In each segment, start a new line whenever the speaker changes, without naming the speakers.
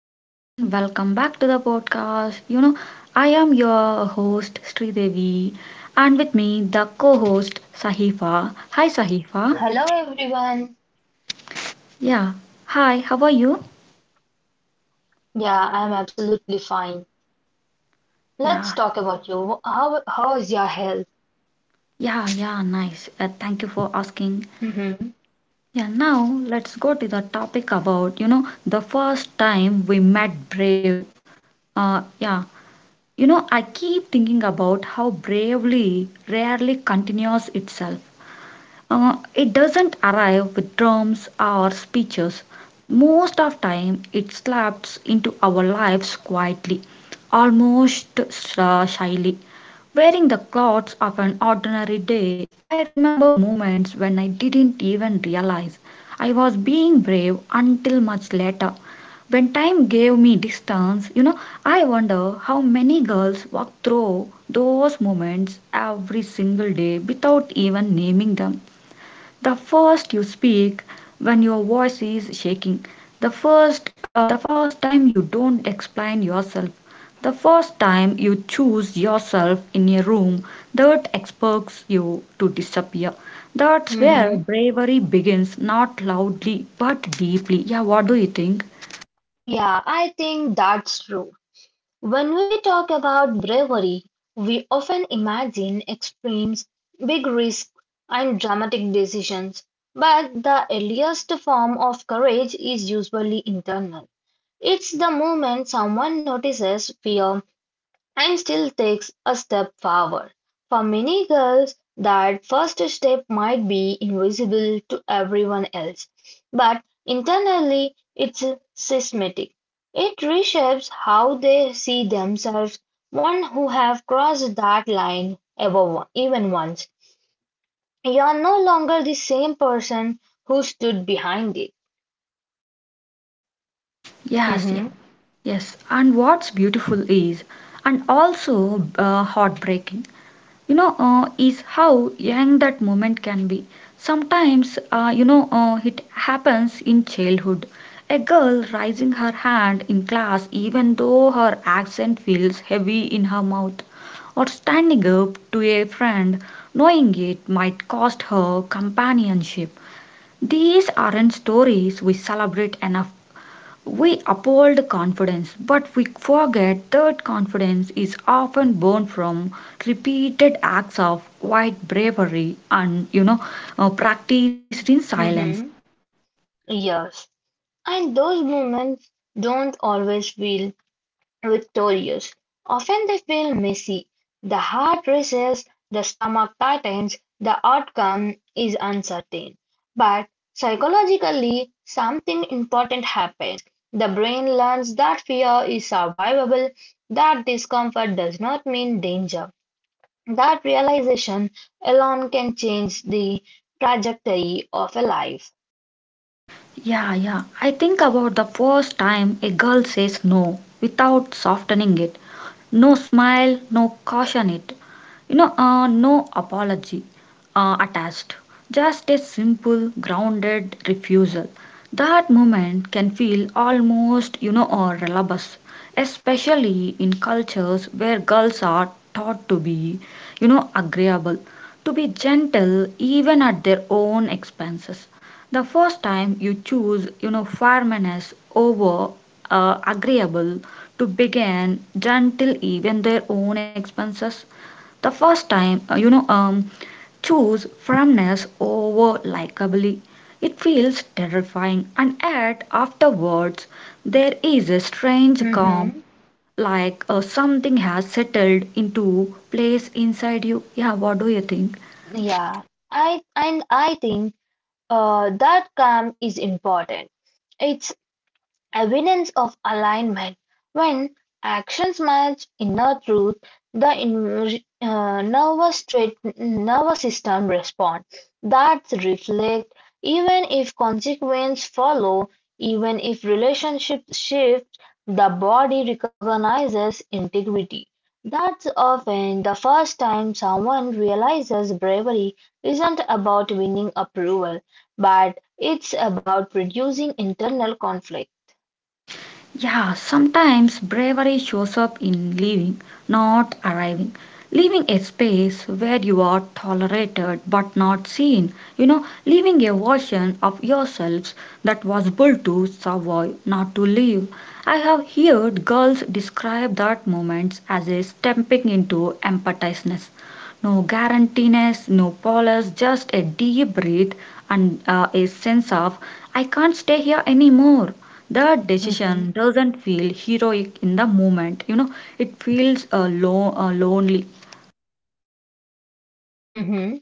Everyone, welcome back to the podcast. I am your host Sri Devi, and with me the co-host Sahifa. Hi Sahifa.
Hello everyone.
Yeah. Hi, how are you?
Yeah, I'm absolutely fine.
Yeah.
Let's talk about you. How is your health?
Yeah, yeah, nice. Thank you for asking.
Mhm.
Yeah, now let's go to the topic about, the first time we met Brave. Yeah. You know, I keep thinking about how bravely rarely continues itself. It doesn't arrive with drums or speeches. Most of time it slaps into our lives quietly, almost shyly. Wearing the clothes of an ordinary day, I remember moments when I didn't even realize I was being brave until much later. When time gave me distance, I wonder how many girls walk through those moments every single day without even naming them. The first you speak when your voice is shaking, the first time you don't explain yourself, the first time you choose yourself in a room that expects you to disappear. That's where
Mhm.
bravery begins, not loudly but deeply. Yeah, what do you think?
Yeah, I think that's true. When we talk about bravery, we often imagine extremes, big risks, and dramatic decisions. But the earliest form of courage is usually internal. It's the moment someone notices fear and still takes a step forward. For many girls, that first step might be invisible to everyone else, but internally it's systematic. It reshapes how they see themselves. One who have crossed that line ever even once, you are no longer the same person who stood behind it.
Yes, yes,
Hmm.
yes. And what's beautiful is, and also heartbreaking, is how young that moment can be. Sometimes, it happens in childhood. A girl raising her hand in class, even though her accent feels heavy in her mouth, or standing up to a friend, knowing it might cost her companionship. These aren't stories we celebrate enough. We uphold confidence, but we forget that confidence is often born from repeated acts of white bravery and practiced in silence.
Hmm. Yes, and those moments don't always feel victorious. Often they feel messy, the heart races, the stomach tightens, the outcome is uncertain. But psychologically, something important happens. The brain learns that fear is survivable, that discomfort does not mean danger. That realization alone can change the trajectory of a life.
Yeah, yeah. I think about the first time a girl says no without softening it. No smile, no caution it. No apology attached. Just a simple, grounded refusal. That moment can feel almost, or relabus, especially in cultures where girls are taught to be, agreeable, to be gentle even at their own expenses. The first time you choose firmness over agreeable to begin gentle even their own expenses. The first time you know Choose firmness over likably. It feels terrifying, and yet afterwards there is a strange calm,
Mhm.
like something has settled into place inside you. Yeah, what do you think?
Yeah, I think that calm is important. It's evidence of alignment: when actions match inner truth, the nervous system responds. That reflect, even if consequences follow, even if relationships shift, the body recognizes integrity. That's often the first time someone realizes bravery isn't about winning approval, but it's about reducing internal conflict.
Yeah, sometimes bravery shows up in leaving, not arriving. Leaving a space where you are tolerated but not seen. Leaving a version of yourselves that was built to survive, not to live. I have heard girls describe that moments as a stepping into emptiness. No guarantees, no polish, just a deep breath and a sense of, I can't stay here anymore. That
Mm-hmm.
decision doesn't feel heroic in the moment, it feels lonely.
Mm-hmm.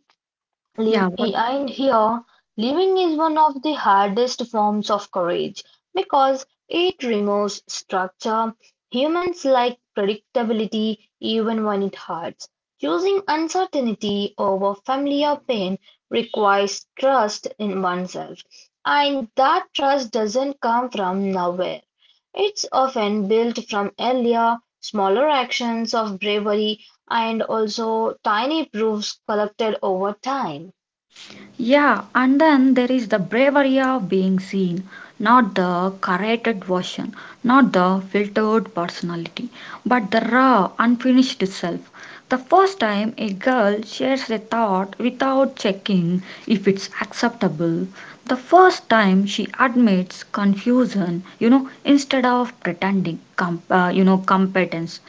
Live
Yeah, what?
In here, Living is one of the hardest forms of courage because it removes structure. Humans like predictability even when it hurts. Choosing uncertainty over familiar pain requires trust in oneself, and that trust doesn't come from nowhere. It's often built from earlier, smaller actions of bravery and also tiny proofs collected over time.
Yeah, and then there is the bravery of being seen, not the curated version, not the filtered personality, but the raw, unfinished self. The first time a girl shares a thought without checking if it's acceptable, the first time she admits confusion, instead of pretending, competence.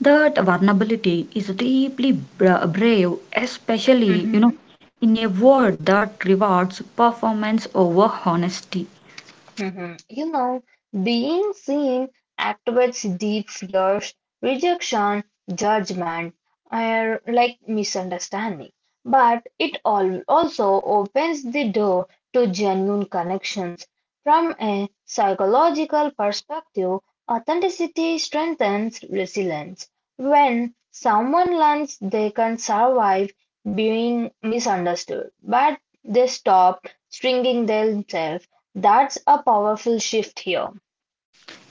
That vulnerability is deeply brave, especially
Hmm.
in a world that rewards performance over honesty.
Hmm. You know, Being seen activates deep fears, rejection, judgment, or like misunderstanding. But it all also opens the door to genuine connections. From a psychological perspective, authenticity strengthens resilience. When someone learns they can survive being misunderstood, but they stop stringing themselves. That's a powerful shift here.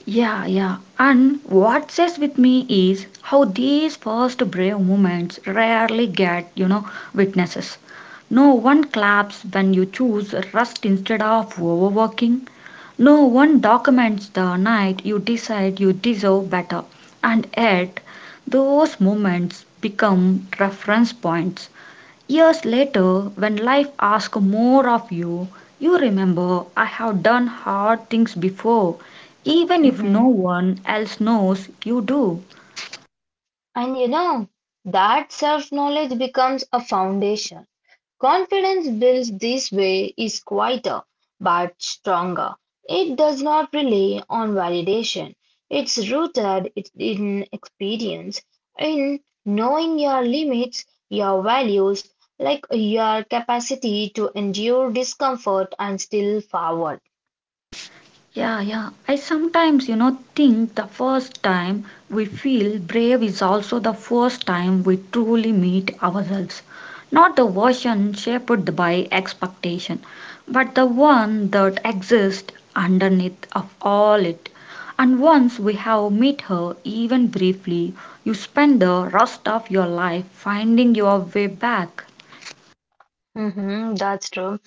Yeah, yeah. And what stays with me is how these first brave moments rarely get, witnesses. No one claps when you choose rest instead of overworking. No one documents the night you decide you deserve better. And yet, those moments become reference points years later. When life asks more of you, you remember I have done hard things before, even if no
Hmm.
one else knows you do.
And that self knowledge becomes a foundation. Confidence built this way is quieter but stronger. It does not rely on validation, it's rooted in experience, in knowing your limits, your values, like your capacity to endure discomfort and still forward.
Yeah, yeah. I sometimes, think the first time we feel brave is also the first time we truly meet ourselves. Not the version shaped by expectation, but the one that exists underneath of all it. And once we have met her, even briefly, you spend the rest of your life finding your way back.
Hmm, that's true.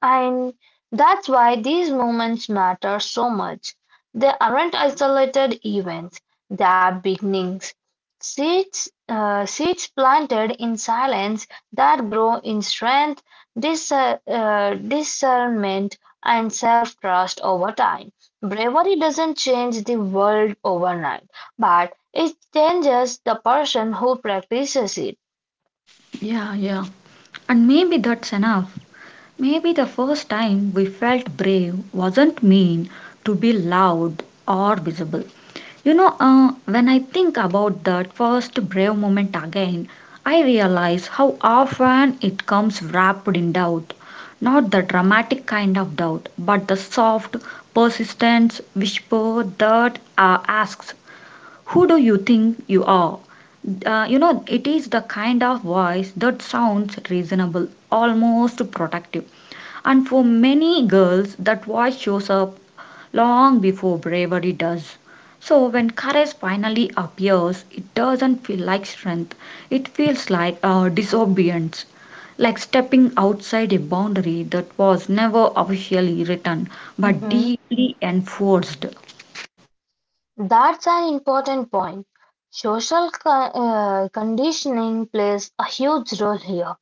And that's why these moments matter so much. They aren't isolated events, they are beginnings. Seeds planted in silence that grow in strength, discernment, and self trust over time. Bravery doesn't change the world overnight, but it changes the person who practices it.
Yeah, yeah. And maybe that's enough. Maybe the first time we felt brave wasn't mean to be loud or visible. When I think about that first brave moment again, I realize how often it comes wrapped in doubt. Not the dramatic kind of doubt, but the soft, persistent whisper that asks, who do you think you are? It is the kind of voice that sounds reasonable, almost protective, and for many girls, that voice shows up long before bravery does. So when courage finally appears, it doesn't feel like strength, it feels like disobedience. Like stepping outside a boundary that was never officially written but deeply enforced.
That's an important point; social conditioning plays a huge role here.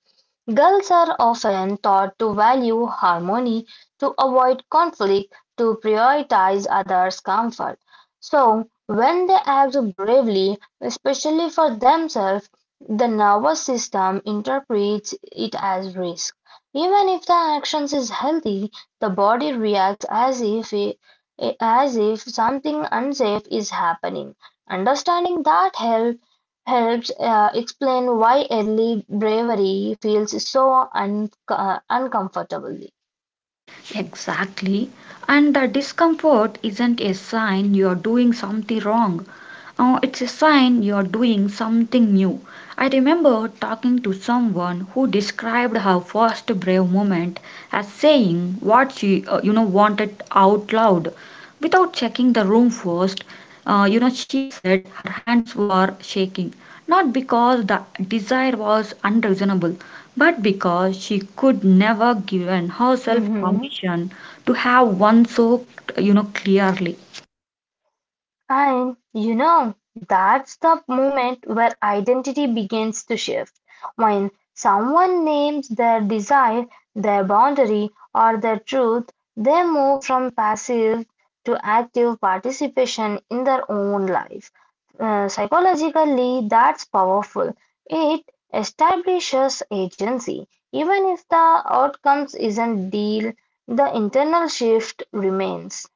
Girls are often taught to value harmony, to avoid conflict, to prioritize others' comfort. So, when they act bravely, especially for themselves, the nervous system interprets it as risk. Even if the actions is healthy, the body reacts as if something unsafe is happening. Understanding that health helps explain why early bravery feels so uncomfortable.
Exactly. And the discomfort isn't a sign you're doing something wrong. It's a sign you're doing something new. I remember talking to someone who described her first brave moment as saying what she, wanted out loud without checking the room first. She said her hands were shaking, not because the desire was unreasonable, but because she could never give herself
Mm.
permission to have one so, clearly.
And that's the moment where identity begins to shift. When someone names their desire, their boundary, or their truth, they move from passive to active participation in their own life. Psychologically, that's powerful. It establishes agency. Even if the outcomes isn't deal, the internal shift remains.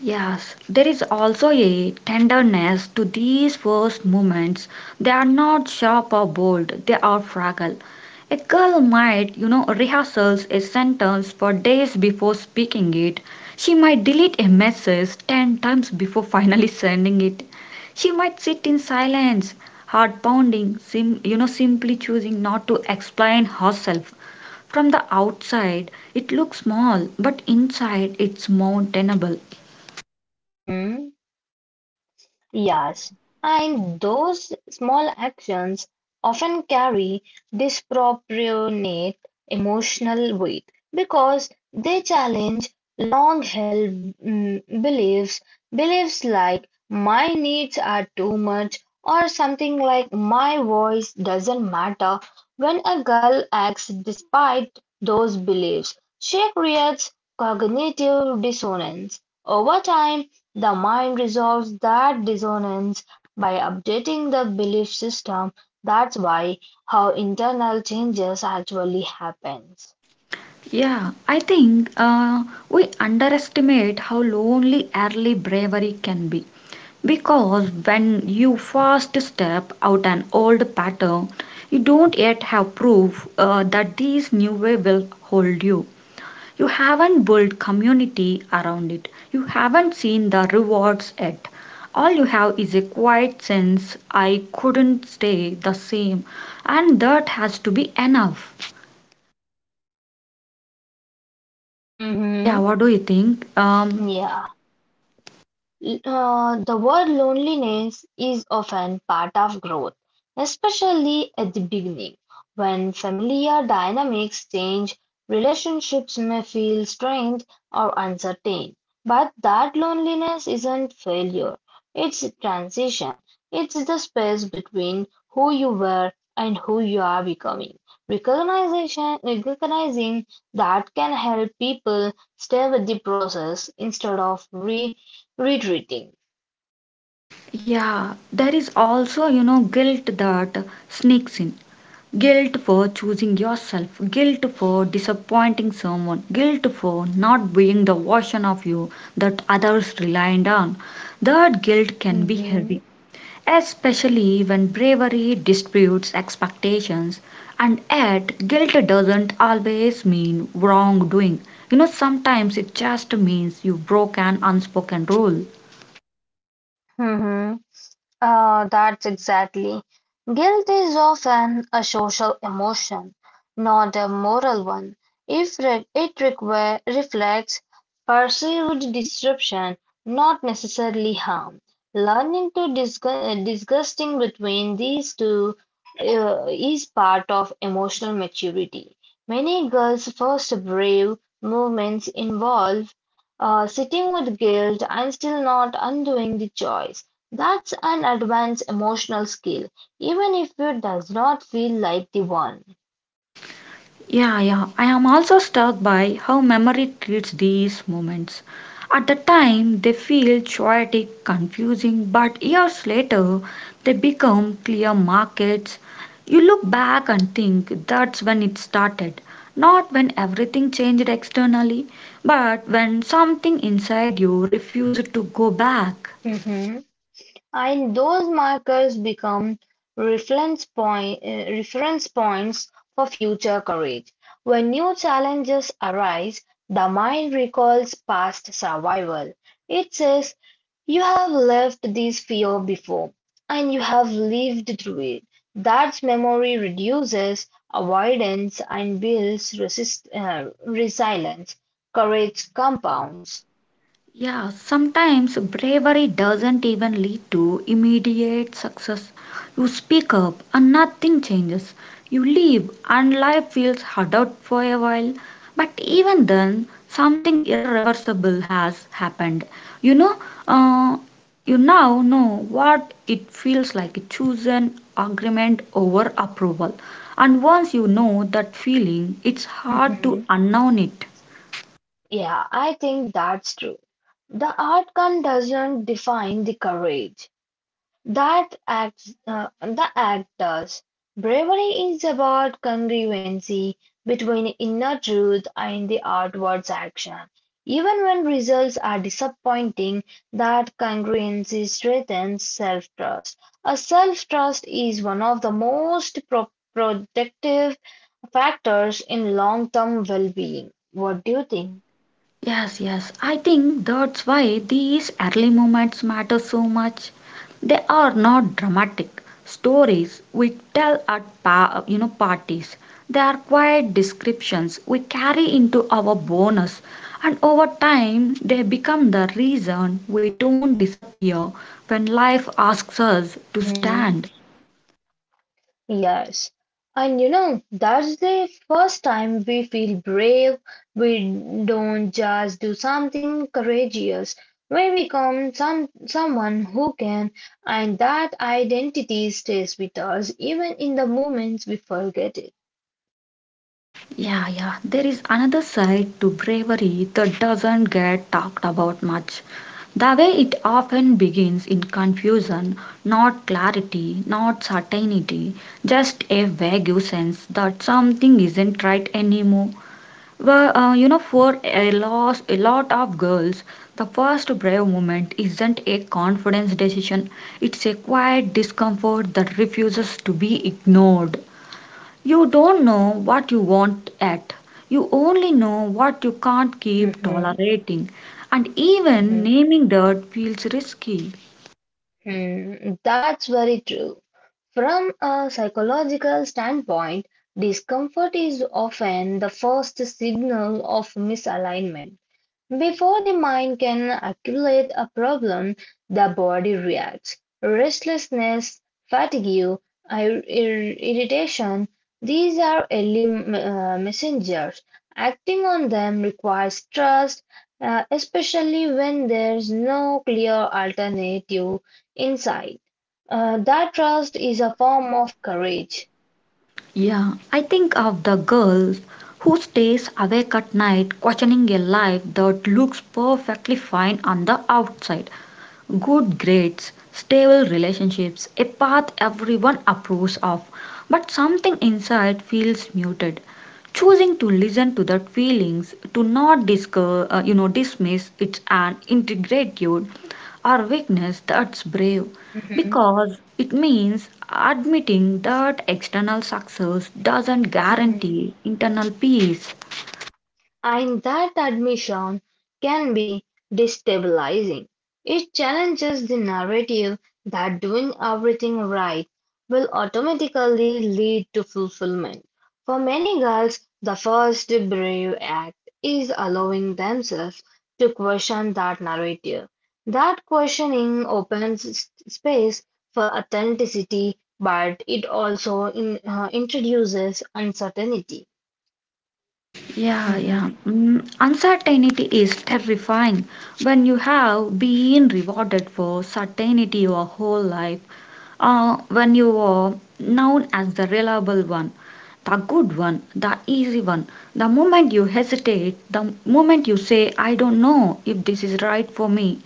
Yes, there is also a tenderness to these first moments. They are not sharp or bold, they are fragile. A girl might, rehearsals a sentence for days before speaking it. She might delete a message 10 times before finally sending it. She might sit in silence, heart pounding, simply choosing not to explain herself. From the outside, it looks small, but inside, it's mountainable.
Mhm. Yes, and those small actions often carry disproportionate emotional weight because they challenge long-held mm, beliefs, beliefs like my needs are too much or something like my voice doesn't matter. When a girl acts despite those beliefs, she creates cognitive dissonance. Over time, the mind resolves that dissonance by updating the belief system. That's why how internal changes actually happens.
Yeah, I think we underestimate how lonely early bravery can be. Because when you first step out an old pattern, you don't yet have proof that this new way will hold you. You haven't built community around it. You haven't seen the rewards yet. All you have is a quiet sense I couldn't stay the same, and that has to be enough. Yeah,
Mm-hmm.
what do you think?
Yeah. The word loneliness is often part of growth. Especially at the beginning, when familiar dynamics change, relationships may feel strained or uncertain. But that loneliness isn't failure, it's transition. It's the space between who you were and who you are becoming. Recognizing that can help people stay with the process instead of retreating.
Yeah, there is also, guilt that sneaks in. Guilt for choosing yourself, guilt for disappointing someone, guilt for not being the version of you that others relied on. That guilt can be heavy,
Mm-hmm.
especially when bravery disputes expectations. And yet, guilt doesn't always mean wrongdoing. Sometimes it just means you broke an unspoken rule.
That's exactly. Guilt is often a social emotion, not a moral one. If it reflects perceived disruption, not necessarily harm. Learning to disgusting between these two is part of emotional maturity. Many girls' first brave movements involve sitting with guilt and still not undoing the choice. That's an advanced emotional skill, even if it does not feel like the one.
Yeah, yeah. I am also struck by how memory treats these moments. At the time, they feel chaotic, confusing, but years later, they become clear markets. You look back and think that's when it started. Not when everything changed externally, but when something inside you refused to go back.
And those markers become reference points for future courage. When new challenges arise, the mind recalls past survival. It says, you have lived this fear before, and you have lived through it. That memory reduces avoidance and builds resilience. Courage compounds.
Yeah, sometimes bravery doesn't even lead to immediate success. You speak up and nothing changes. You leave and life feels harder for a while. But even then, something irreversible has happened. You know, uh, you now know what it feels like to choose an agreement over approval. And once you know that feeling, it's hard to unknown it.
Yeah, I think that's true. The outcome doesn't define the courage. The act does. Bravery is about congruency between inner truth and the outwards action. Even when results are disappointing, that congruency strengthens self-trust. A self-trust is one of the most protective factors in long-term well-being. What do you think?
Yes, yes. I think that's why these early moments matter so much. They are not dramatic stories we tell at parties. They are quiet descriptions we carry into our bonus, and over time they become the reason we don't disappear when life asks us to
Mm-hmm.
stand.
Yes. And that's the first time we feel brave. We don't just do something courageous. We become someone who can, and that identity stays with us even in the moments we forget it.
Yeah, yeah. There is another side to bravery that doesn't get talked about much. The way it often begins in confusion, not clarity, not certainty, just a vague sense that something isn't right anymore. For a, loss, a lot of girls, the first brave moment isn't a confidence decision, it's a quiet discomfort that refuses to be ignored. You don't know what you want at. You only know what you can't keep
Mm-hmm.
tolerating. And even naming that feels risky.
Mm-hmm. That's very true. From a psychological standpoint, discomfort is often the first signal of misalignment. Before the mind can accumulate a problem, the body reacts. Restlessness, fatigue, irritation, these are early messengers. Acting on them requires trust, especially when there's no clear alternative in sight. That trust is a form of courage.
Yeah, I think of the girls who stays awake at night questioning a life that looks perfectly fine on the outside. Good grades, stable relationships, a path everyone approves of, but something inside feels muted. Choosing to listen to that feelings, to not discuss, dismiss it's an ingratitude or weakness, that's brave
Hmm.
because it means admitting that external success doesn't
Hmm.
guarantee internal peace.
And that admission can be destabilizing. It challenges the narrative that doing everything right will automatically lead to fulfillment. For many girls, the first brave act is allowing themselves to question that narrative. That questioning opens space for authenticity, but it also introduces uncertainty.
Yeah, yeah.
Mhm.
Mm, uncertainty is terrifying. When you have been rewarded for certainty your whole life, when you are known as the reliable one, the good one, the easy one. The moment you hesitate, the moment you say, I don't know if this is right for me,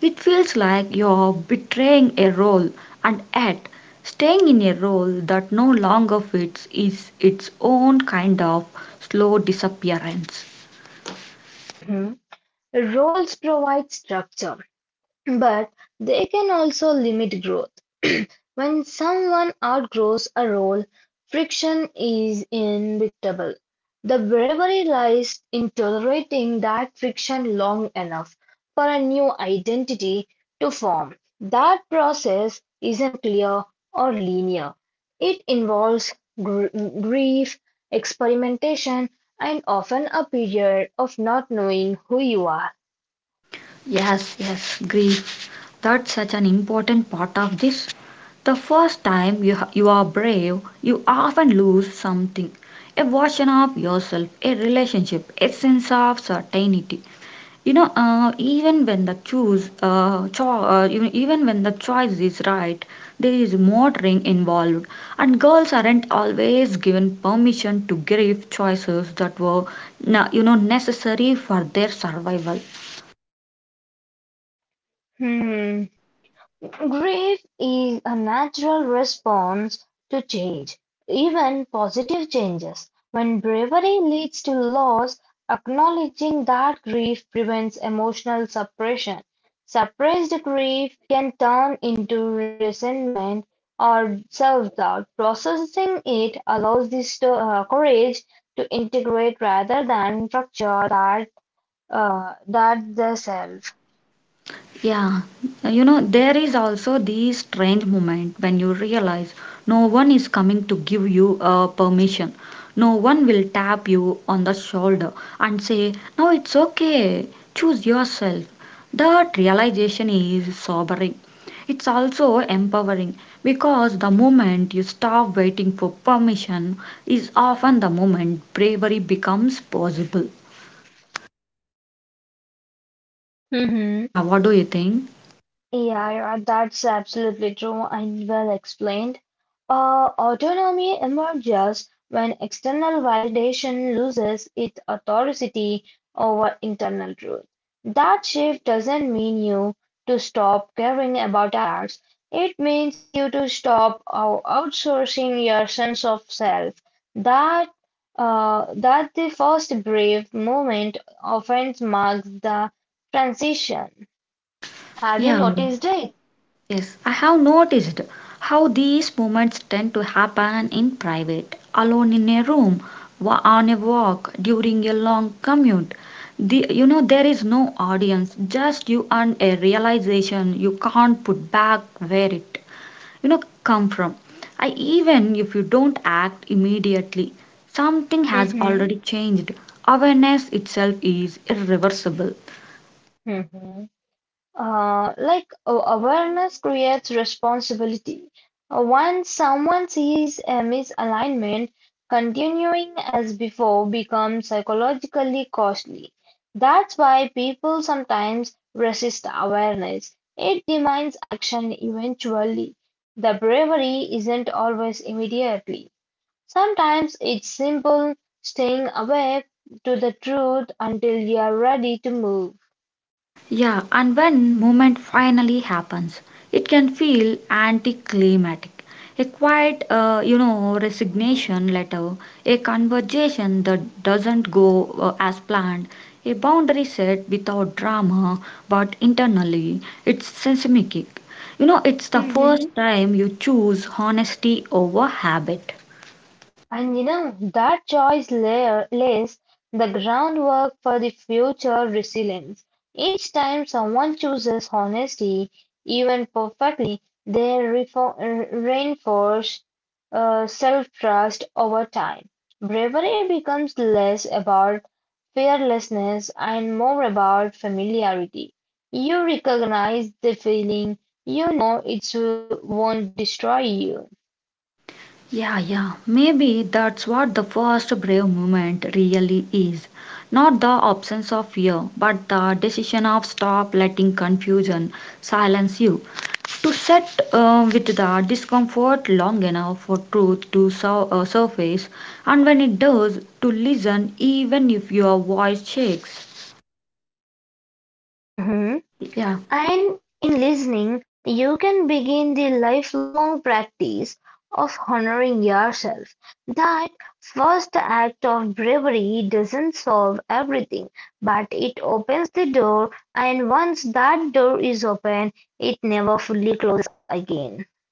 it feels like you're betraying a role, and yet staying in a role that no longer fits is its own kind of slow disappearance.
Roles provide structure, but they can also limit growth. When someone outgrows a role, friction is inevitable. The bravery lies in tolerating that friction long enough for a new identity to form. That process isn't clear or linear. It involves gr- grief, experimentation, and often a period of not knowing who you are.
Yes, yes, grief. That's such an important part of this. The first time you are brave, you often lose something, a version of yourself, a relationship, a sense of certainty. Even when the choose, cho- even even when the choice is right, there is motoring involved, and girls aren't always given permission to grieve choices that were, necessary for their survival.
Hmm. Grief is a natural response to change, even positive changes. When bravery leads to loss, acknowledging that grief prevents emotional suppression. Suppressed grief can turn into resentment or self doubt. Processing it allows courage to integrate rather than structure that the self.
Yeah, there is also this strange moment when you realize no one is coming to give you a permission. No one will tap you on the shoulder and say, now it's okay, choose yourself. That realization is sobering. It's also empowering because the moment you stop waiting for permission is often the moment bravery becomes possible.
Mhm.
Yeah, what do you think?
Yeah, yeah, that's absolutely true and well explained. Autonomy emerges when external validation loses its authority over internal truth. That shift doesn't mean you to stop caring about others. It means you to stop outsourcing your sense of self. That that the first brief moment often marks the transition. Have you
Yeah.
noticed it?
Yes, I have noticed how these moments tend to happen in private, alone in a room, on a walk, during a long commute. There is no audience, just you and a realization you can't put back where it come from. I even if you don't act immediately, something has already
Mm-hmm.
changed. Awareness itself is irreversible.
Mm-hmm. Like awareness creates responsibility. Once someone sees a misalignment, continuing as before becomes psychologically costly. That's why people sometimes resist awareness. It demands action eventually. The bravery isn't always immediately. Sometimes it's simple staying awake to the truth until you're ready to move.
Yeah, and when movement finally happens, it can feel anticlimactic. A quiet resignation letter, a conversation that doesn't go as planned, a boundary set without drama, but internally it's seismic. You know, it's the first
Hmm.
time you choose honesty over habit.
And that choice layer lays the groundwork for the future resilience. Each time someone chooses honesty, even perfectly, they reinforce self trust over time. Bravery becomes less about fearlessness and more about familiarity. You recognize the feeling, you know it won't destroy you.
Yeah, yeah. Maybe that's what the first brave moment really is. Not the absence of fear, but the decision of stop letting confusion silence you. To sit with the discomfort long enough for truth to surface, and when it does, to listen even if your voice shakes.
Hmm.
Yeah.
And in listening, you can begin the lifelong practice of honoring yourself. That first act of bravery doesn't solve everything, but it opens the door, and once that door is open, it never fully closes again.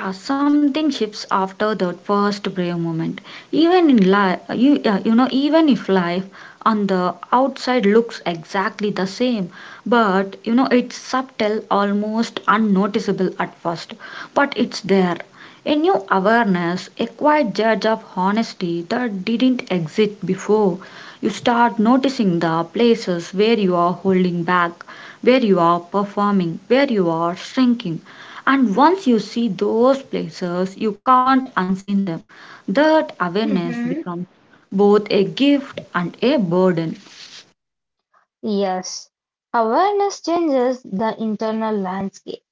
Yeah, something shifts after that first brave moment. Even in life, you, yeah, you know, even if life on the outside looks exactly the same, but you know, it's subtle, almost unnoticeable at first, but it's there. A new awareness, a quiet judge of honesty that didn't exist before. You start noticing the places where you are holding back, where you are performing, where you are shrinking. And once you see those places, you can't unseen them. That awareness
Mhm.
becomes both a gift and a burden.
Yes, awareness changes the internal landscape.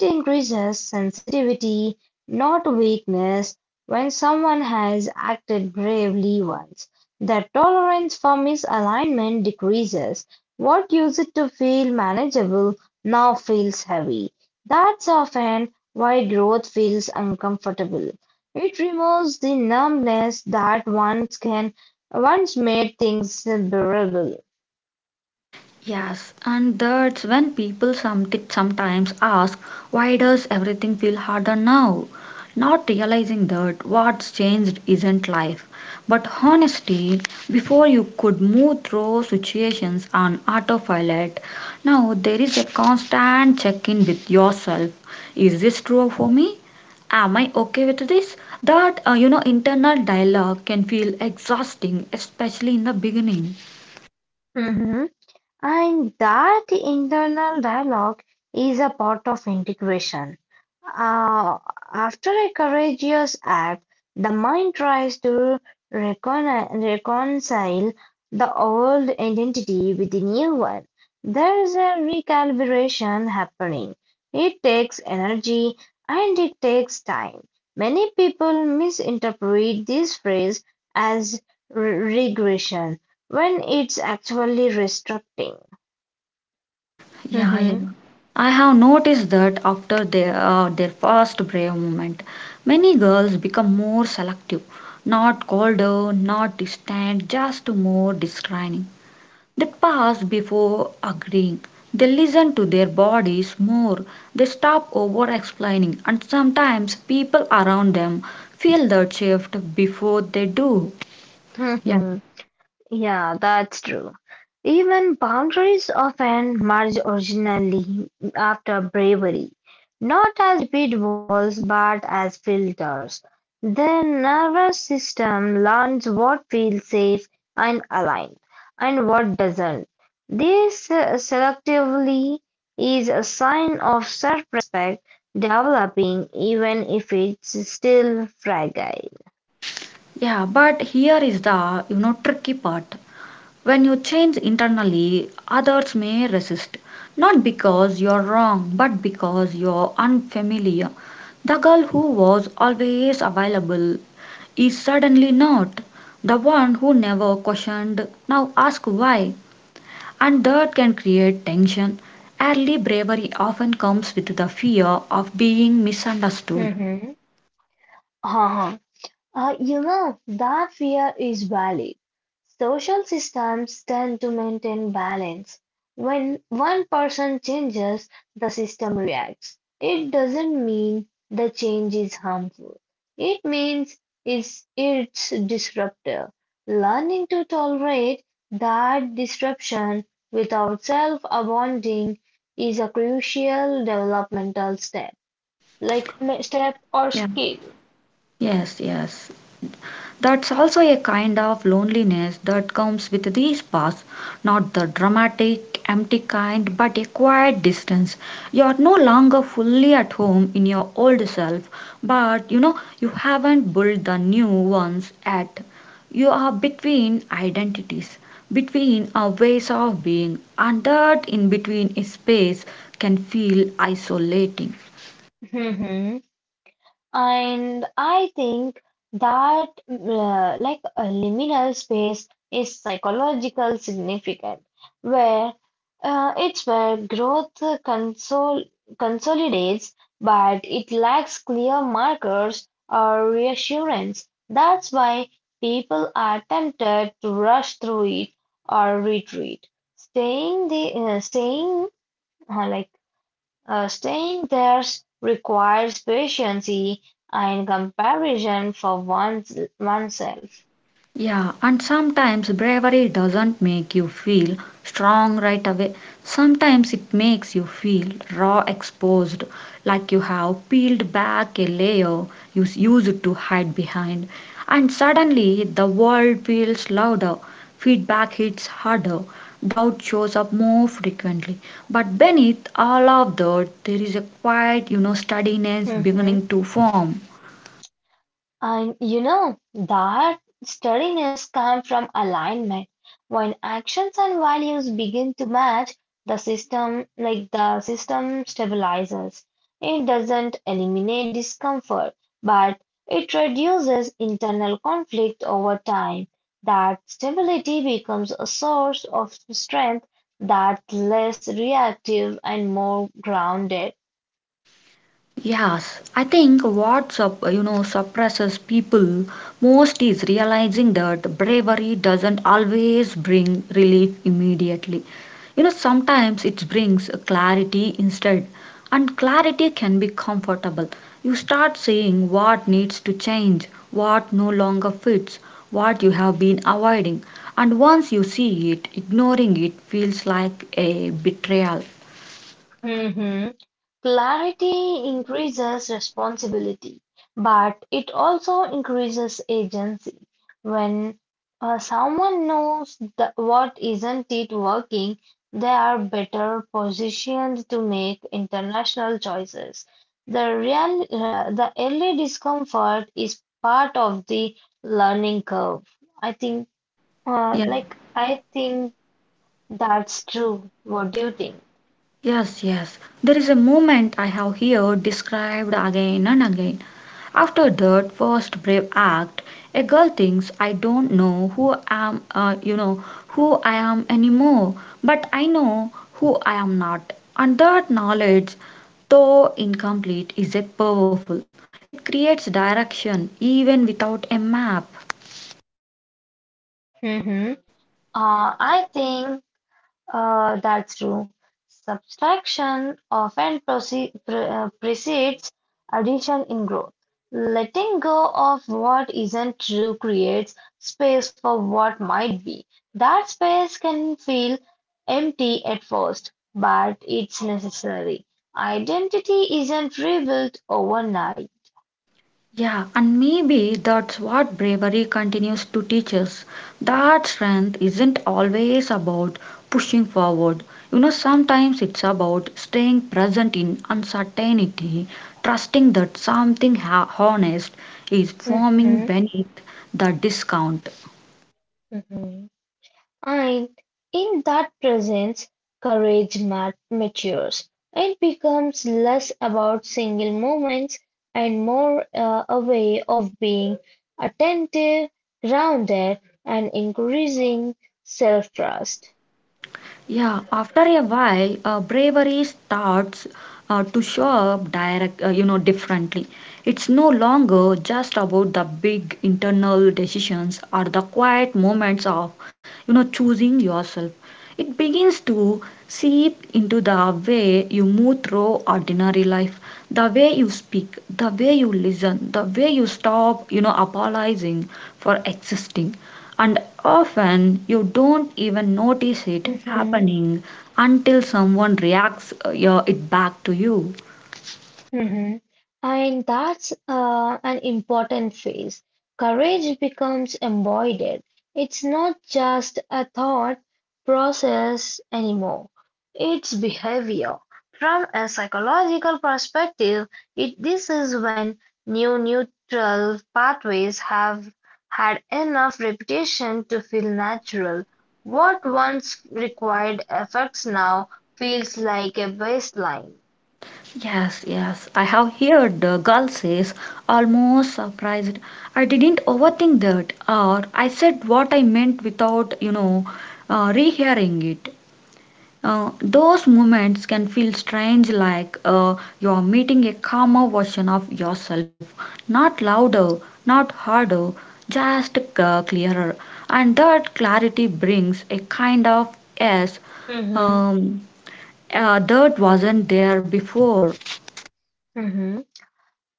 It increases sensitivity, not weakness, when someone has acted bravely once, the tolerance for misalignment decreases, what used to feel manageable now feels heavy. That's often why growth feels uncomfortable. It removes the numbness that once made things bearable.
Yes, and that's when people sometimes ask, why does everything feel harder now? Not realizing that what's changed isn't life, but honesty. Before you could move through situations on autopilot, now there is a constant check in with yourself. Is this true for me? Am I okay with this? That internal dialogue can feel exhausting, especially in the beginning.
Mhm. And that internal dialogue is a part of integration. Uh, After a courageous act, the mind tries to reconcile the old identity with the new one. There is a recalibration happening. It takes energy and it takes time. Many people misinterpret this phrase as regression when it's actually restructuring.
Yeah,
Mm-hmm.
yeah. I have noticed that after their first brave moment, many girls become more selective, not colder, not distant, just more discerning. They pass before agreeing. They listen to their bodies more. They stop over explaining, and sometimes people around them feel that shift before they do. Yeah,
Mm-hmm. Yeah, that's true. Even boundaries often merge originally after bravery, not as repeat walls but as filters. The nervous system learns what feels safe and aligned and what doesn't. This selectively is a sign of self respect developing even if it's still fragile.
yeah. But here is the tricky part. When you change internally, others may resist, not because you're wrong, but because you're unfamiliar. The girl who was always available is suddenly not. The one who never questioned now asks why, and that can create tension. Early bravery often comes with the fear of being misunderstood.
Mm-hmm. That fear is valid. Social systems tend to maintain balance. When one person changes, the system reacts. It doesn't mean the change is harmful. It means it's disruptive. Learning to tolerate that disruption without self-abandoning is a crucial developmental step, like step or
Yeah.
skill.
Yes, yes. That's also a kind of loneliness that comes with these paths, not the dramatic, empty kind, but a quiet distance. You are no longer fully at home in your old self, but you know, you haven't built the new ones yet. You are between identities, between our ways of being, and that in between space can feel isolating.
And I think that like a liminal space is psychological significant, where it's where growth consolidates, but it lacks clear markers or reassurance. That's why people are tempted to rush through it or retreat, staying the uh, saying uh, like Staying there requires patience and comparison for one's oneself.
Yeah, and sometimes bravery doesn't make you feel strong right away. Sometimes it makes you feel raw, exposed, like you have peeled back a layer used to hide behind. And suddenly the world feels louder, feedback hits harder, doubt shows up more frequently. But beneath all of that, there is a quiet steadiness beginning to form.
And you know that steadiness comes from alignment. When actions and values begin to match, the system stabilizes. It doesn't eliminate discomfort, but it reduces internal conflict over time. That stability becomes a source of strength that's less reactive and more grounded.
Yes, I think what up, you know suppresses people most is realizing that bravery doesn't always bring relief immediately. You know sometimes it brings clarity instead, and clarity can be comfortable. You start seeing what needs to change, what no longer fits, what you have been avoiding, and once you see it, ignoring it feels like a betrayal.
Mhm. Clarity increases responsibility, but it also increases agency. When someone knows the, what isn't it working, they are better positioned to make international choices. The early discomfort is part of the learning curve. I think, uh,
Yeah.
like I think that's true. What do you think?
Yes, yes. There is a movement I have here described again and again. After that first brave act, a girl thinks I don't know who I am anymore, but I know who I am not. And that knowledge, though incomplete, is a powerful. It creates direction even without a map.
I think that's true. Subtraction often precedes addition in growth. Letting go of what isn't true creates space for what might be. That space can feel empty at first, but it's necessary. Identity isn't rebuilt overnight.
Yeah, and maybe that's what bravery continues to teach us. That strength isn't always about pushing forward. You know, sometimes it's about staying present in uncertainty, trusting that something honest is forming
Mhm,
beneath the discount.
mhm. And in that presence, courage matures. It becomes less about single moments and more a way of being attentive, grounded, and increasing self trust.
Yeah, after a while, bravery starts to show up differently. It's no longer just about the big internal decisions or the quiet moments of, you know, choosing yourself. It begins to seep into the way you move through ordinary life, the way you speak, the way you listen, the way you stop, you know, apologizing for existing. And often you don't even notice it happening until someone reacts it back to you.
Mhm. And that's an important phase. Courage becomes embodied. It's not just a thought process anymore, it's behavior. From a psychological perspective, this is when new neutral pathways have had enough repetition to feel natural. What once required effects now feels like a baseline.
Yes, yes, I have heard the girl says, almost surprised, I didn't overthink that, or I said what I meant without, rehearing it. Those moments can feel strange, like you're meeting a calmer version of yourself. Not louder, not harder, just clearer. And that clarity brings a kind of yes
Mhm.
um, that wasn't there before.
Mhm.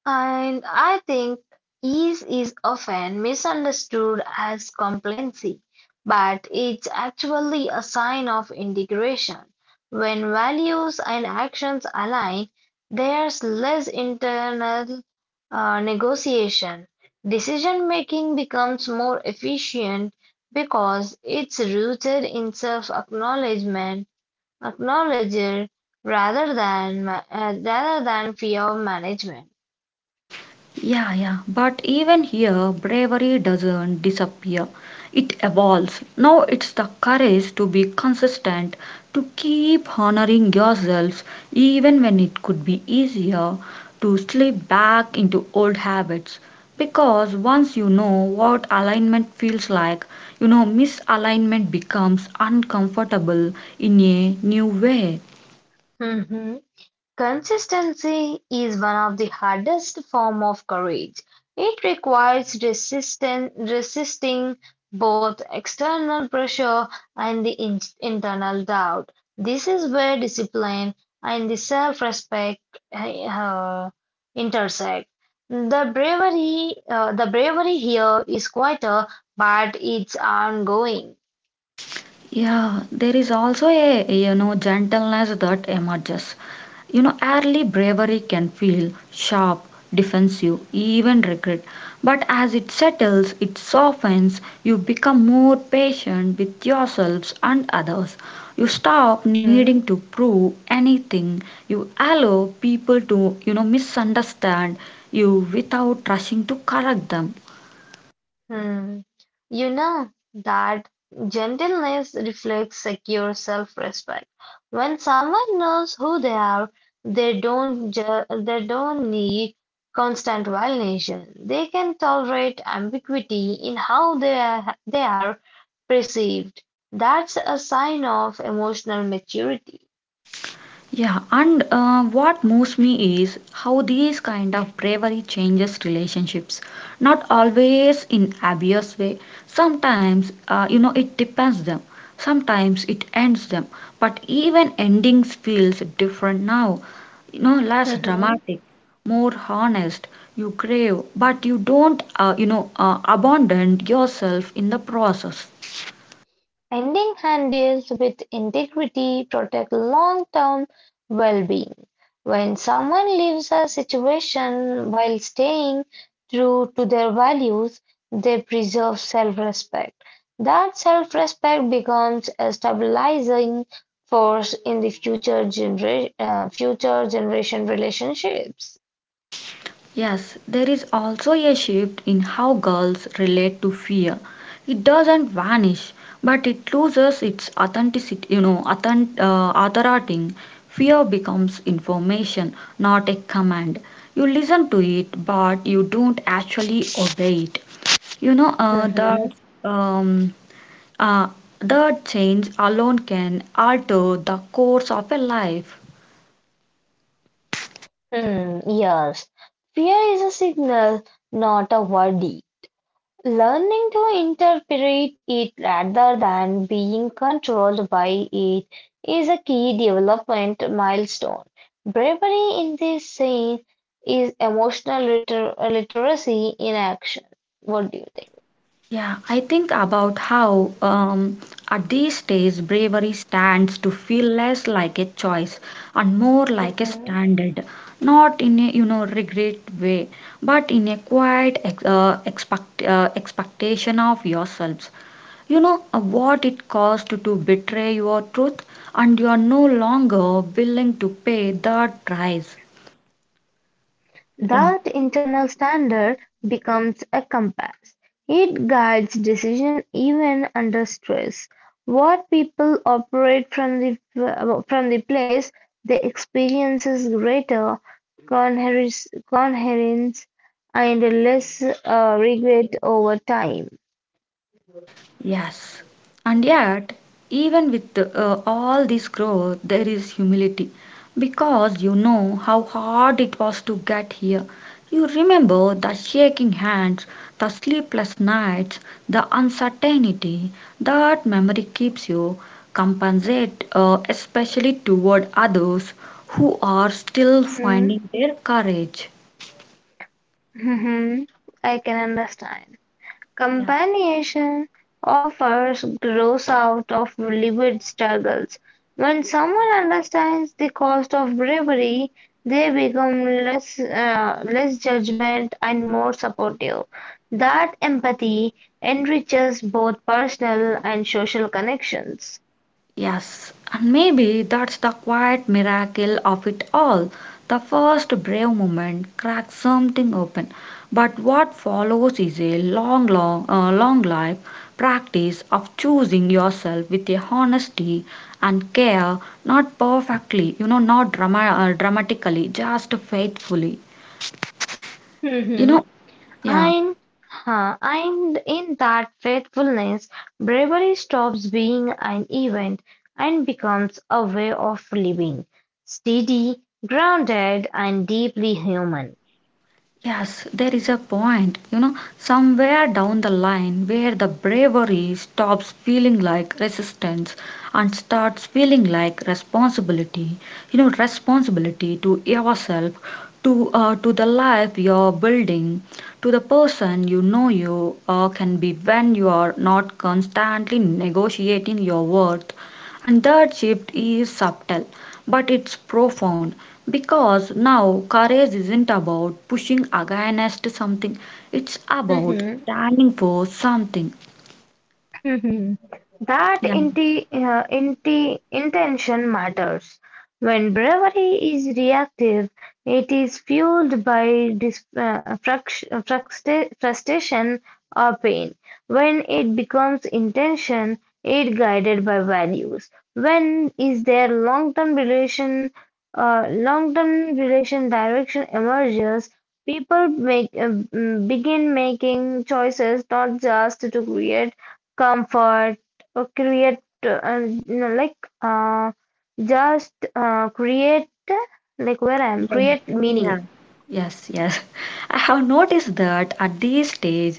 And I think ease is often misunderstood as complacency, but it's actually a sign of integration. When values and actions align, there's less internal negotiation. Decision making becomes more efficient because it's rooted in self acknowledgement, acknowledged rather than fear of management.
Yeah, yeah. But even here, bravery doesn't disappear. It evolves. Now it's the courage to be consistent, to keep honoring yourself, even when it could be easier to slip back into old habits. Because once you know what alignment feels like, you know, misalignment becomes uncomfortable in a new way.
Mhm. Consistency is one of the hardest form of courage. It requires resisting both external pressure and the internal doubt. This is where discipline and the self-respect uh, intersect. The bravery here is quieter, but it's ongoing.
Yeah, there is also a gentleness that emerges. You know, early bravery can feel sharp, defensive, even regret. But as it settles, it softens, you become more patient with yourselves and others. You stop needing to prove anything. You allow people to, misunderstand you without rushing to correct them.
Hmm. You know that gentleness reflects secure self-respect. When someone knows who they are, they don't need constant validation. They can tolerate ambiguity in how they are perceived. That's a sign of emotional maturity.
Yeah, and what moves me is how these kind of bravery changes relationships. Not always in obvious way. Sometimes it depends them. Sometimes it ends them. But even endings feels different now. You know, less dramatic, more honest. You crave, but you don't abandon yourself in the process.
Ending handles with integrity protect long-term well-being. When someone leaves a situation while staying true to their values, they preserve self-respect. That self-respect becomes a stabilizing force in the future generation relationships.
Yes, there is also a shift in how girls relate to fear. It doesn't vanish, but it loses its authenticity, you know, authent, authority. Fear becomes information, not a command. You listen to it, but you don't actually obey it. You know, uh,
Mm-hmm.
that, um, uh, that change alone can alter the course of a life.
Hmm. Yes. Fear is a signal, not a worry. Learning to interpret it rather than being controlled by it is a key development milestone. Bravery in this scene is emotional literacy in action. What do you
Yeah, I think about how at these days bravery stands to feel less like a choice and more
think?
like a
Hmm.
standard, not in a regret way, but in a quiet expectation of yourselves. You know what it costs to betray your truth, and you are no longer willing to pay that price. Yeah.
That internal standard becomes a compass. It guides decision even under stress. What people operate from the place they experiences greater coherence and less regret over time.
Yes, and yet, even with all this growth, there is humility because you know how hard it was to get here. You remember the shaking hands, the sleepless nights, the uncertainty that memory keeps you especially toward others who are still finding
Mhm.
their courage.
Mhm. I can understand.
Yeah.
Companionship offers grows out of lived struggles. When someone understands the cost of bravery, they become less judgment and more supportive. That empathy enriches both personal and social connections.
Yes, and maybe that's the quiet miracle of it all. The first brave moment cracks something open, but what follows is a long, long life practice of choosing yourself with a honesty and care, not perfectly, you know, not dramatically, just faithfully. You know,
And,
yeah.
and in that faithfulness, bravery stops being an event and becomes a way of living, steady, grounded, and deeply human.
Yes, there is a point, you know, somewhere down the line where the bravery stops feeling like resistance and starts feeling like responsibility. You know, responsibility to yourself, to the life you're building, to the person you know you can be when you are not constantly negotiating your worth and that shift is subtle, but it's profound because now courage isn't about pushing against something, it's about
Mhm.
standing for something.
Mhm. That
Yeah.
inti inti intention matters. When bravery is reactive, it is fueled by dis uh, frustration or pain. When it becomes intention, it guided by values. When is there long-term relation direction emerges. People begin making choices not just to create comfort or create and, you know, like just create like where I am
Yeah,
create
yeah.
meaning.
Yes, yes. I have noticed that at this stage,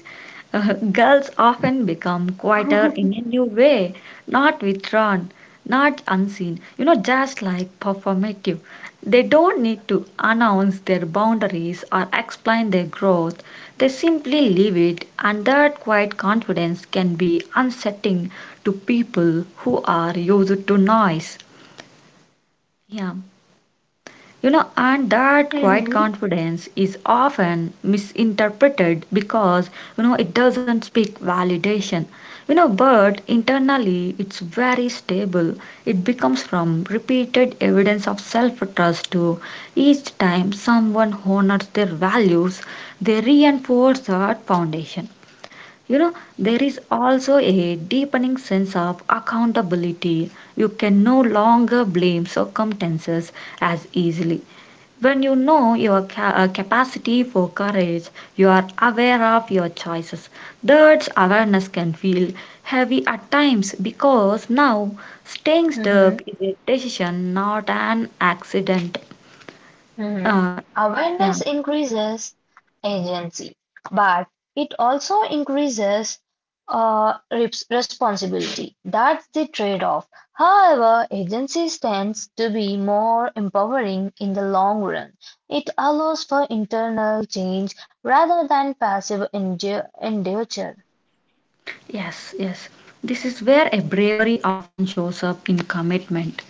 uh, girls often become quieter in a new way, not withdrawn, not unseen, you know, just like performative. They don't need to announce their boundaries or explain their growth. They simply leave it, and that quiet confidence can be unsettling to people who are used to noise. Yeah, you know, and that quiet confidence is often misinterpreted because you know it doesn't speak validation, you know, but internally it's very stable. It becomes from repeated evidence of self trust to each time someone honors their values they reinforce that foundation. You know, there is also a deepening sense of accountability. You can no longer blame circumstances as easily when you know your capacity for courage. You are aware of your choices. That awareness can feel heavy at times because now staying stuck
Mhm.
is a decision, not an accident.
Mhm.
uh, yeah.
Awareness increases agency, but it also increases responsibility. That's the trade-off. However, agency tends to be more empowering in the long run. It allows for internal change rather than passive endeavor.
Yes, yes. This is where a bravery often shows up in commitment.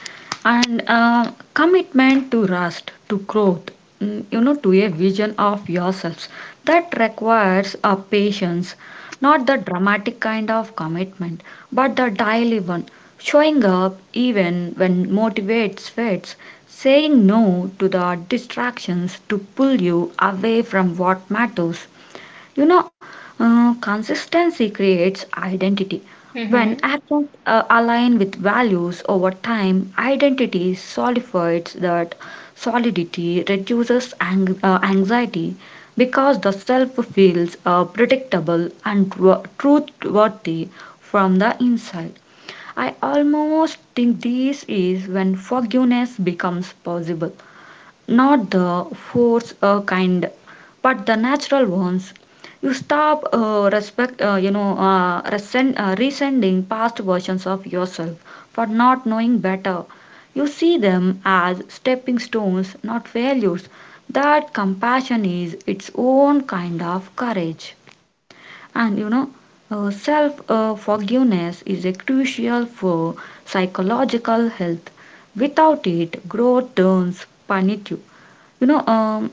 And commitment to rust, to growth, to a vision of yourselves. That requires a patience, not the dramatic kind of commitment, but the daily one. Showing up even when motivates fades, saying no to the distractions to pull you away from what matters. You know, Consistency creates identity. When
Mhm.
actions align with values over time, identity solidifies that solidity reduces anxiety because the self feels predictable and truthworthy from the inside. I almost think this is when forgiveness becomes possible, not the force kind, but the natural ones. You stop respect you know resent, resenting past versions of yourself for not knowing better. You see them as stepping stones, not failures. That compassion is its own kind of courage. And self forgiveness is a crucial for psychological health. Without it, growth turns punitive. you know um,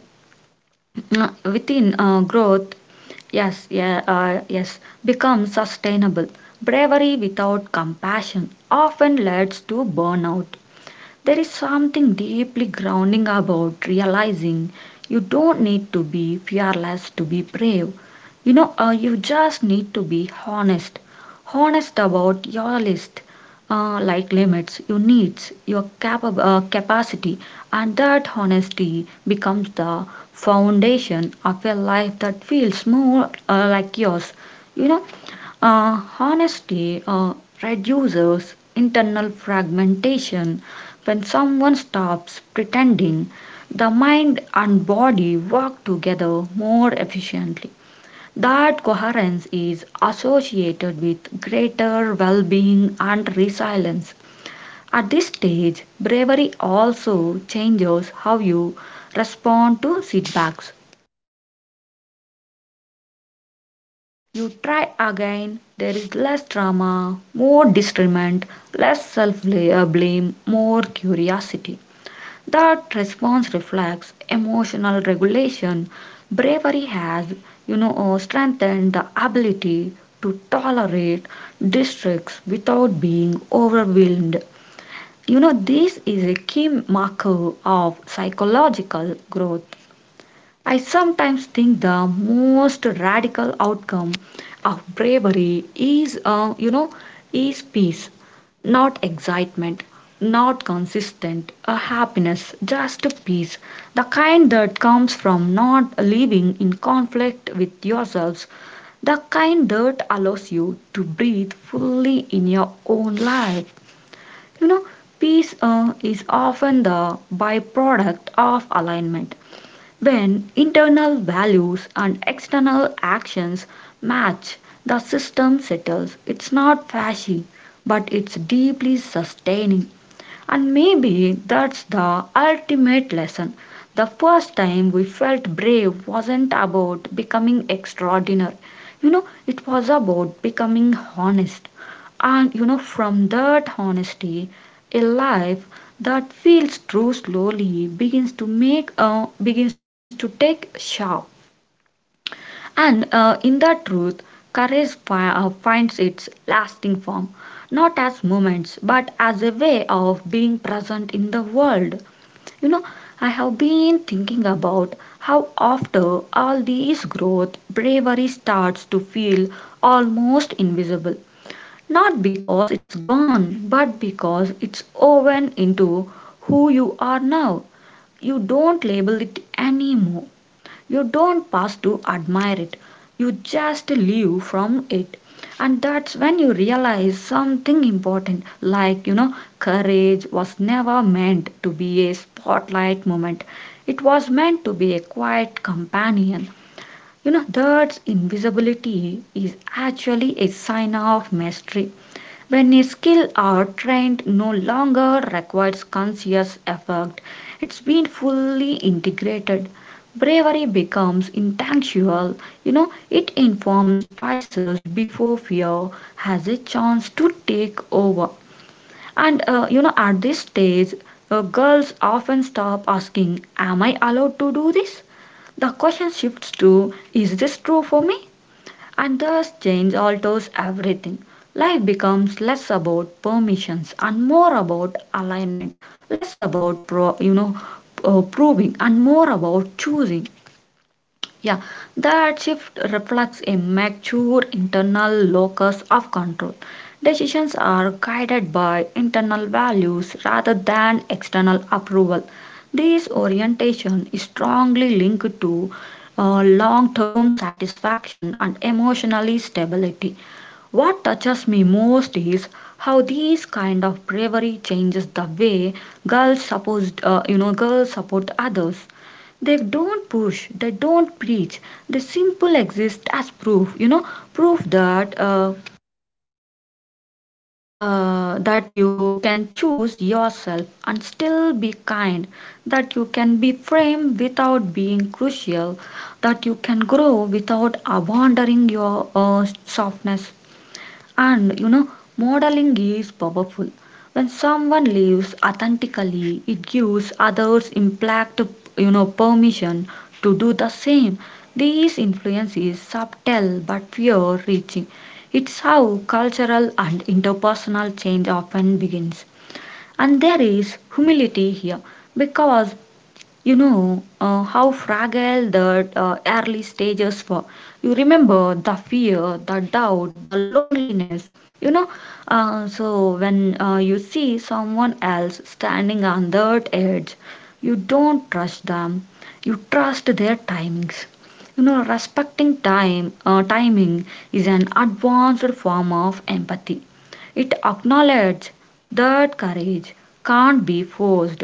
uh, within uh, growth, yes yeah yes becomes sustainable. Bravery without compassion often leads to burnout. There is something deeply grounding about realizing you don't need to be fearless to be brave. You just need to be honest. Honest about your list, like limits, your needs, your capacity, and that honesty becomes the foundation of a life that feels more like yours. You know, honesty reduces internal fragmentation when someone stops pretending. The mind and body work together more efficiently. That coherence is associated with greater well being and resilience. At this stage, bravery also changes how you respond to setbacks. You try again, there is less drama, more discernment, less self blame, more curiosity. That response reflects emotional regulation. Bravery has, strengthened the ability to tolerate districts without being overwhelmed. This is a key marker of psychological growth. I sometimes think the most radical outcome of bravery is peace, not excitement, not consistent happiness, just peace, the kind that comes from not living in conflict with yourselves, the kind that allows you to breathe fully in your own life. You know, peace is often the byproduct of alignment. When internal values and external actions match, the system settles. It's not flashy, but it's deeply sustaining. And maybe that's the ultimate lesson. The first time we felt brave wasn't about becoming extraordinary. It was about becoming honest. From that honesty, a life that feels true slowly begins to make begins to take shape. And in that truth, courage finds its lasting form, not as moments, but as a way of being present in the world. You know, I have been thinking about how, after all this growth, bravery starts to feel almost invisible. Not because it's gone, but because it's woven into who you are now. You don't label it anymore, you don't pass to admire it, you just live from it. And that's when you realize something important, like, courage was never meant to be a spotlight moment, it was meant to be a quiet companion. That invisibility is actually a sign of mastery. When a skill or trend no longer requires conscious effort, it's been fully integrated. Bravery becomes instinctual, it informs choices before fear has a chance to take over. At this stage, girls often stop asking, "Am I allowed to do this?" The question shifts to, "Is this true for me?" And thus change alters everything. Life becomes less about permissions and more about alignment, less about proving and more about choosing. Yeah, that shift reflects a mature internal locus of control. Decisions are guided by internal values rather than external approval. This orientation is strongly linked to long term satisfaction and emotional stability. What touches me most is how these kind of bravery changes the way girls supposed, you know, girls support others. They don't push, they don't preach, they simple exist as proof, proof that you can choose yourself and still be kind, that you can be framed without being crucial, that you can grow without abandoning your softness. And you know, modeling is powerful. When someone lives authentically, it gives others impact, permission to do the same. This influence is subtle but pure reaching. It's how cultural and interpersonal change often begins. And there is humility here because how fragile the early stages were. You remember the fear, the doubt, the loneliness. You know, so when you see someone else standing on that edge, you don't trust them. You trust their timings. Respecting time timing is an advanced form of empathy. It acknowledges that courage can't be forced.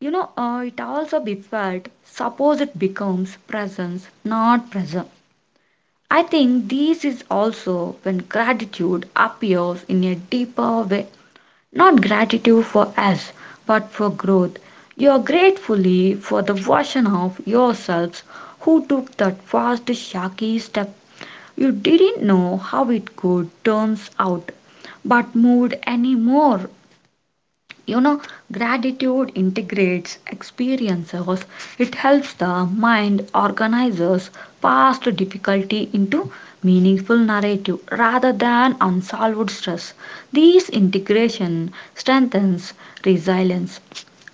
It also be felt, suppose it becomes presence, not present. I think this is also when gratitude appears in a deeper way. Not gratitude for us, but for growth. You are gratefully for the version of yourselves who took that first shaky step. You didn't know how it could turns out, but moved anymore. you know Gratitude integrates experiences. It helps the mind organizes past difficulty into meaningful narrative rather than unsolved stress. This integration strengthens resilience.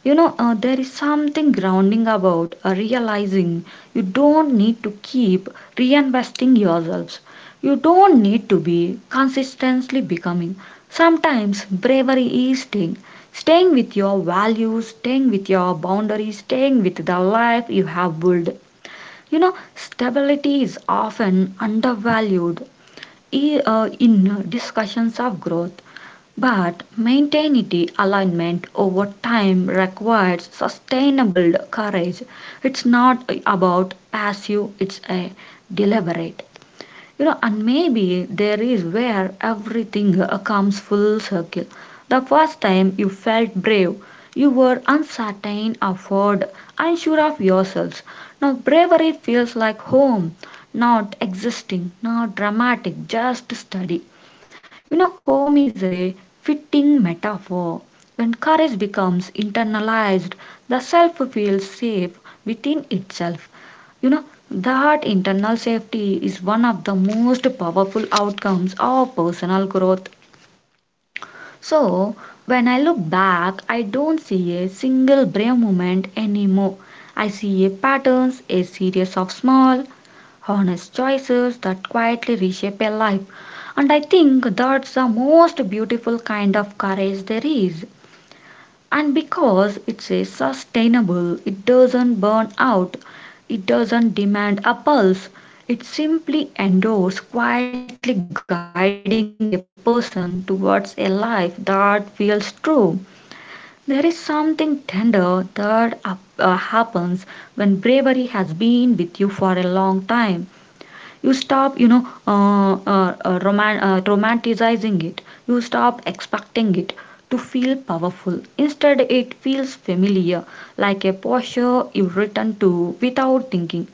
There is something grounding about realizing you don't need to keep reinvesting yourselves. You don't need to be consistently becoming. Sometimes bravery is staying with your values, staying with your boundaries, staying with the life you have built. Stability is often undervalued in discussions of growth, but maintaining alignment over time requires sustainable courage. It's not about passive, it's a deliberate. And maybe there is where everything comes full circle. The first time you felt brave, you were uncertain, afraid, unsure of yourselves. Now bravery feels like home, not existing, not dramatic, just steady. Home is a fitting metaphor. When courage becomes internalized, the self feels safe within itself. You know, that internal safety is one of the most powerful outcomes of personal growth. So, when I look back, I don't see a single brave moment anymore. I see a patterns, a series of small, honest choices that quietly reshape a life. And I think that's the most beautiful kind of courage there is. And because it's a sustainable, it doesn't burn out, it doesn't demand a pulse, it simply endures, quietly guiding a person towards a life that feels true. There is something tender that happens when bravery has been with you for a long time. You stop, romanticizing it. You stop expecting it to feel powerful. Instead it feels familiar, like a posture you return to without thinking.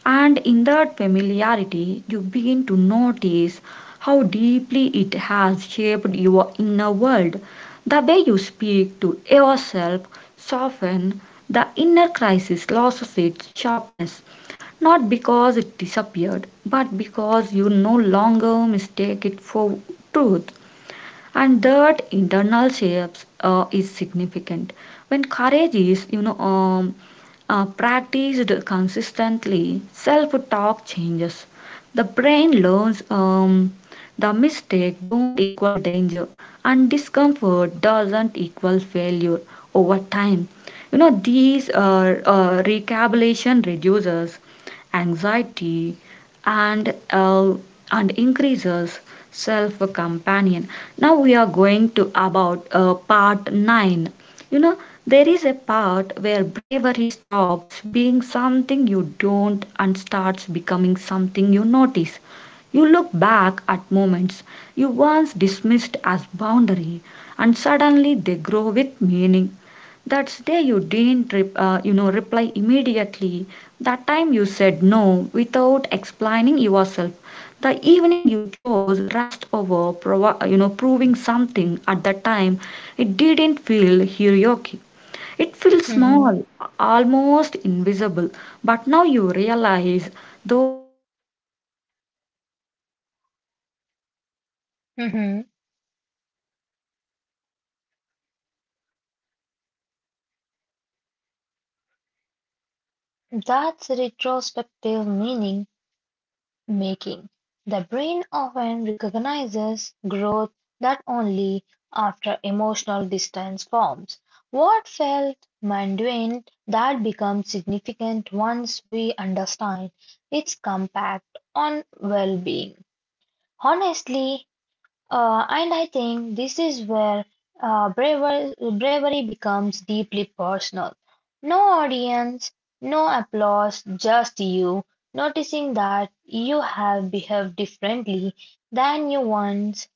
And in that familiarity, you begin to notice how deeply it has shaped your inner world. The way you speak to yourself soften. The inner crisis loses its sharpness, not because it disappeared, but because you no longer mistake it for truth. And that internal shapes is significant. When courage is practiced consistently, self talk changes. The brain learns, the mistake don't equal danger, and discomfort doesn't equal failure. Over time, these recalibration reduces anxiety, and uh, and increases self companion. Now we are going to about part 9. you know there is a part where bravery stops being something you don't, and starts becoming something you notice. You look back at moments you once dismissed as boundary, and suddenly they grow with meaning. That's day you didn't, reply immediately. That time you said no without explaining yourself. The evening you chose rest over, proving something at that time. It didn't feel heroic. It.
Mhm. Mhm. That's retrospective meaning making. The brain often recognizes growth that only after emotional distance forms. What felt mundane that becomes significant once we understand its impact on well-being. Honestly, and I think this is where bravery becomes deeply personal. No audience, no applause, just you noticing that you have behaved differently than you once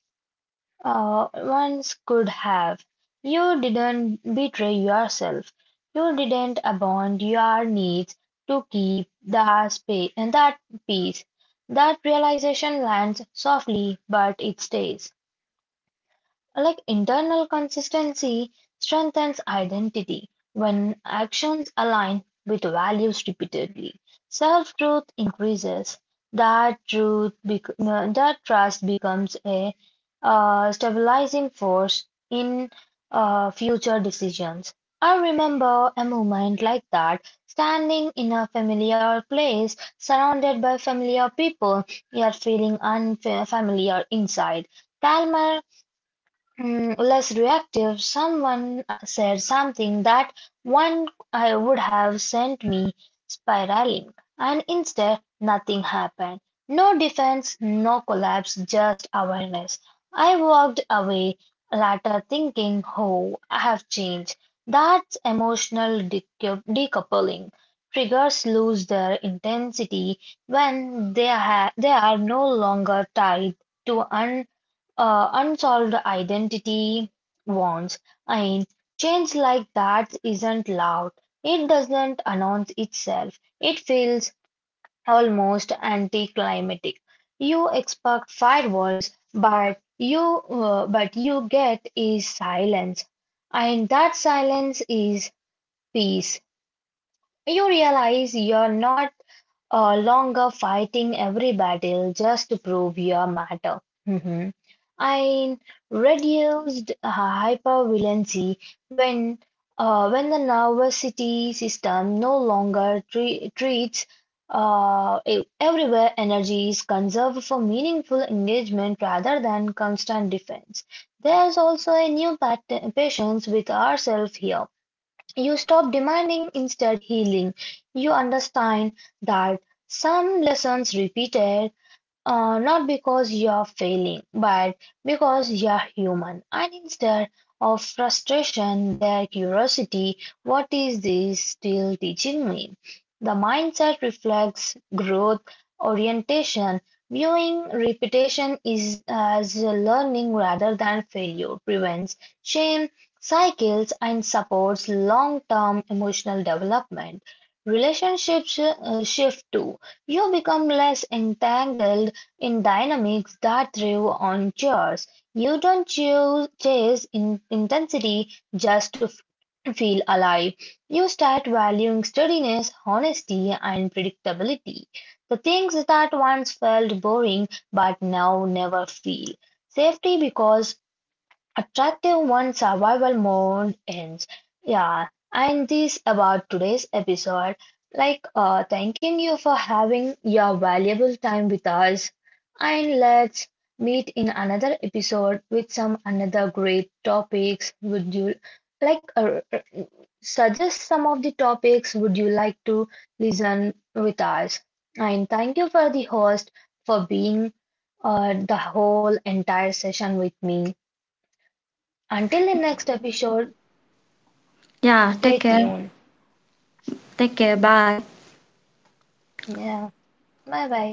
uh, once could have. You didn't betray yourself. You didn't abandon your needs to keep that space and that peace. That realization lands softly, but it stays. Like internal consistency strengthens identity when actions align with values repeatedly. Self-truth increases. That trust becomes a stabilizing force in future decisions. I remember a moment like that, standing in a familiar place, surrounded by familiar people, yet feeling unfamiliar inside. Calmer, less reactive. Someone said something that one I would have sent me spiraling, and instead nothing happened. No defense, no collapse, just awareness. I walked away later thinking, oh, I have changed. That's emotional decoupling. Triggers lose their intensity when they are no longer tied to unsolved identity wants, and change like that isn't loud. It doesn't announce itself. It feels almost anticlimactic. You expect firewalls, but you get is silence, and that silence is peace. You realize you're not longer fighting every battle just to prove your matter. Mhm. I reduced hypervigilance when when the nervousity system no longer treats everywhere energy is conserved for meaningful engagement rather than constant defense. There's also a new patience with ourselves here, you stop demanding instead healing. You understand that some lessons repeated not because you're failing, but because you're human. And instead of frustration, their curiosity, what is this still teaching me? The mindset reflects growth orientation, viewing repetition is as learning rather than failure, prevents shame cycles, and supports long-term emotional development. Relationships shift too. You become less entangled in dynamics that thrive on chores. You don't choose, chase in intensity just to feel alive. You start valuing steadiness, honesty, and predictability. The things that once felt boring but now never feel. Safety because attractive one survival mode ends. Yeah, and this about today's episode. Like thanking you for having your valuable time with us. And let's meet in another episode with some another great topics. Would you like suggest some of the topics would you like to listen with us? And thank you for the host for being the whole entire session with me. Until the next episode,
Yeah,
stay
take care.
tuned.
Take care. Bye.
Yeah, bye bye.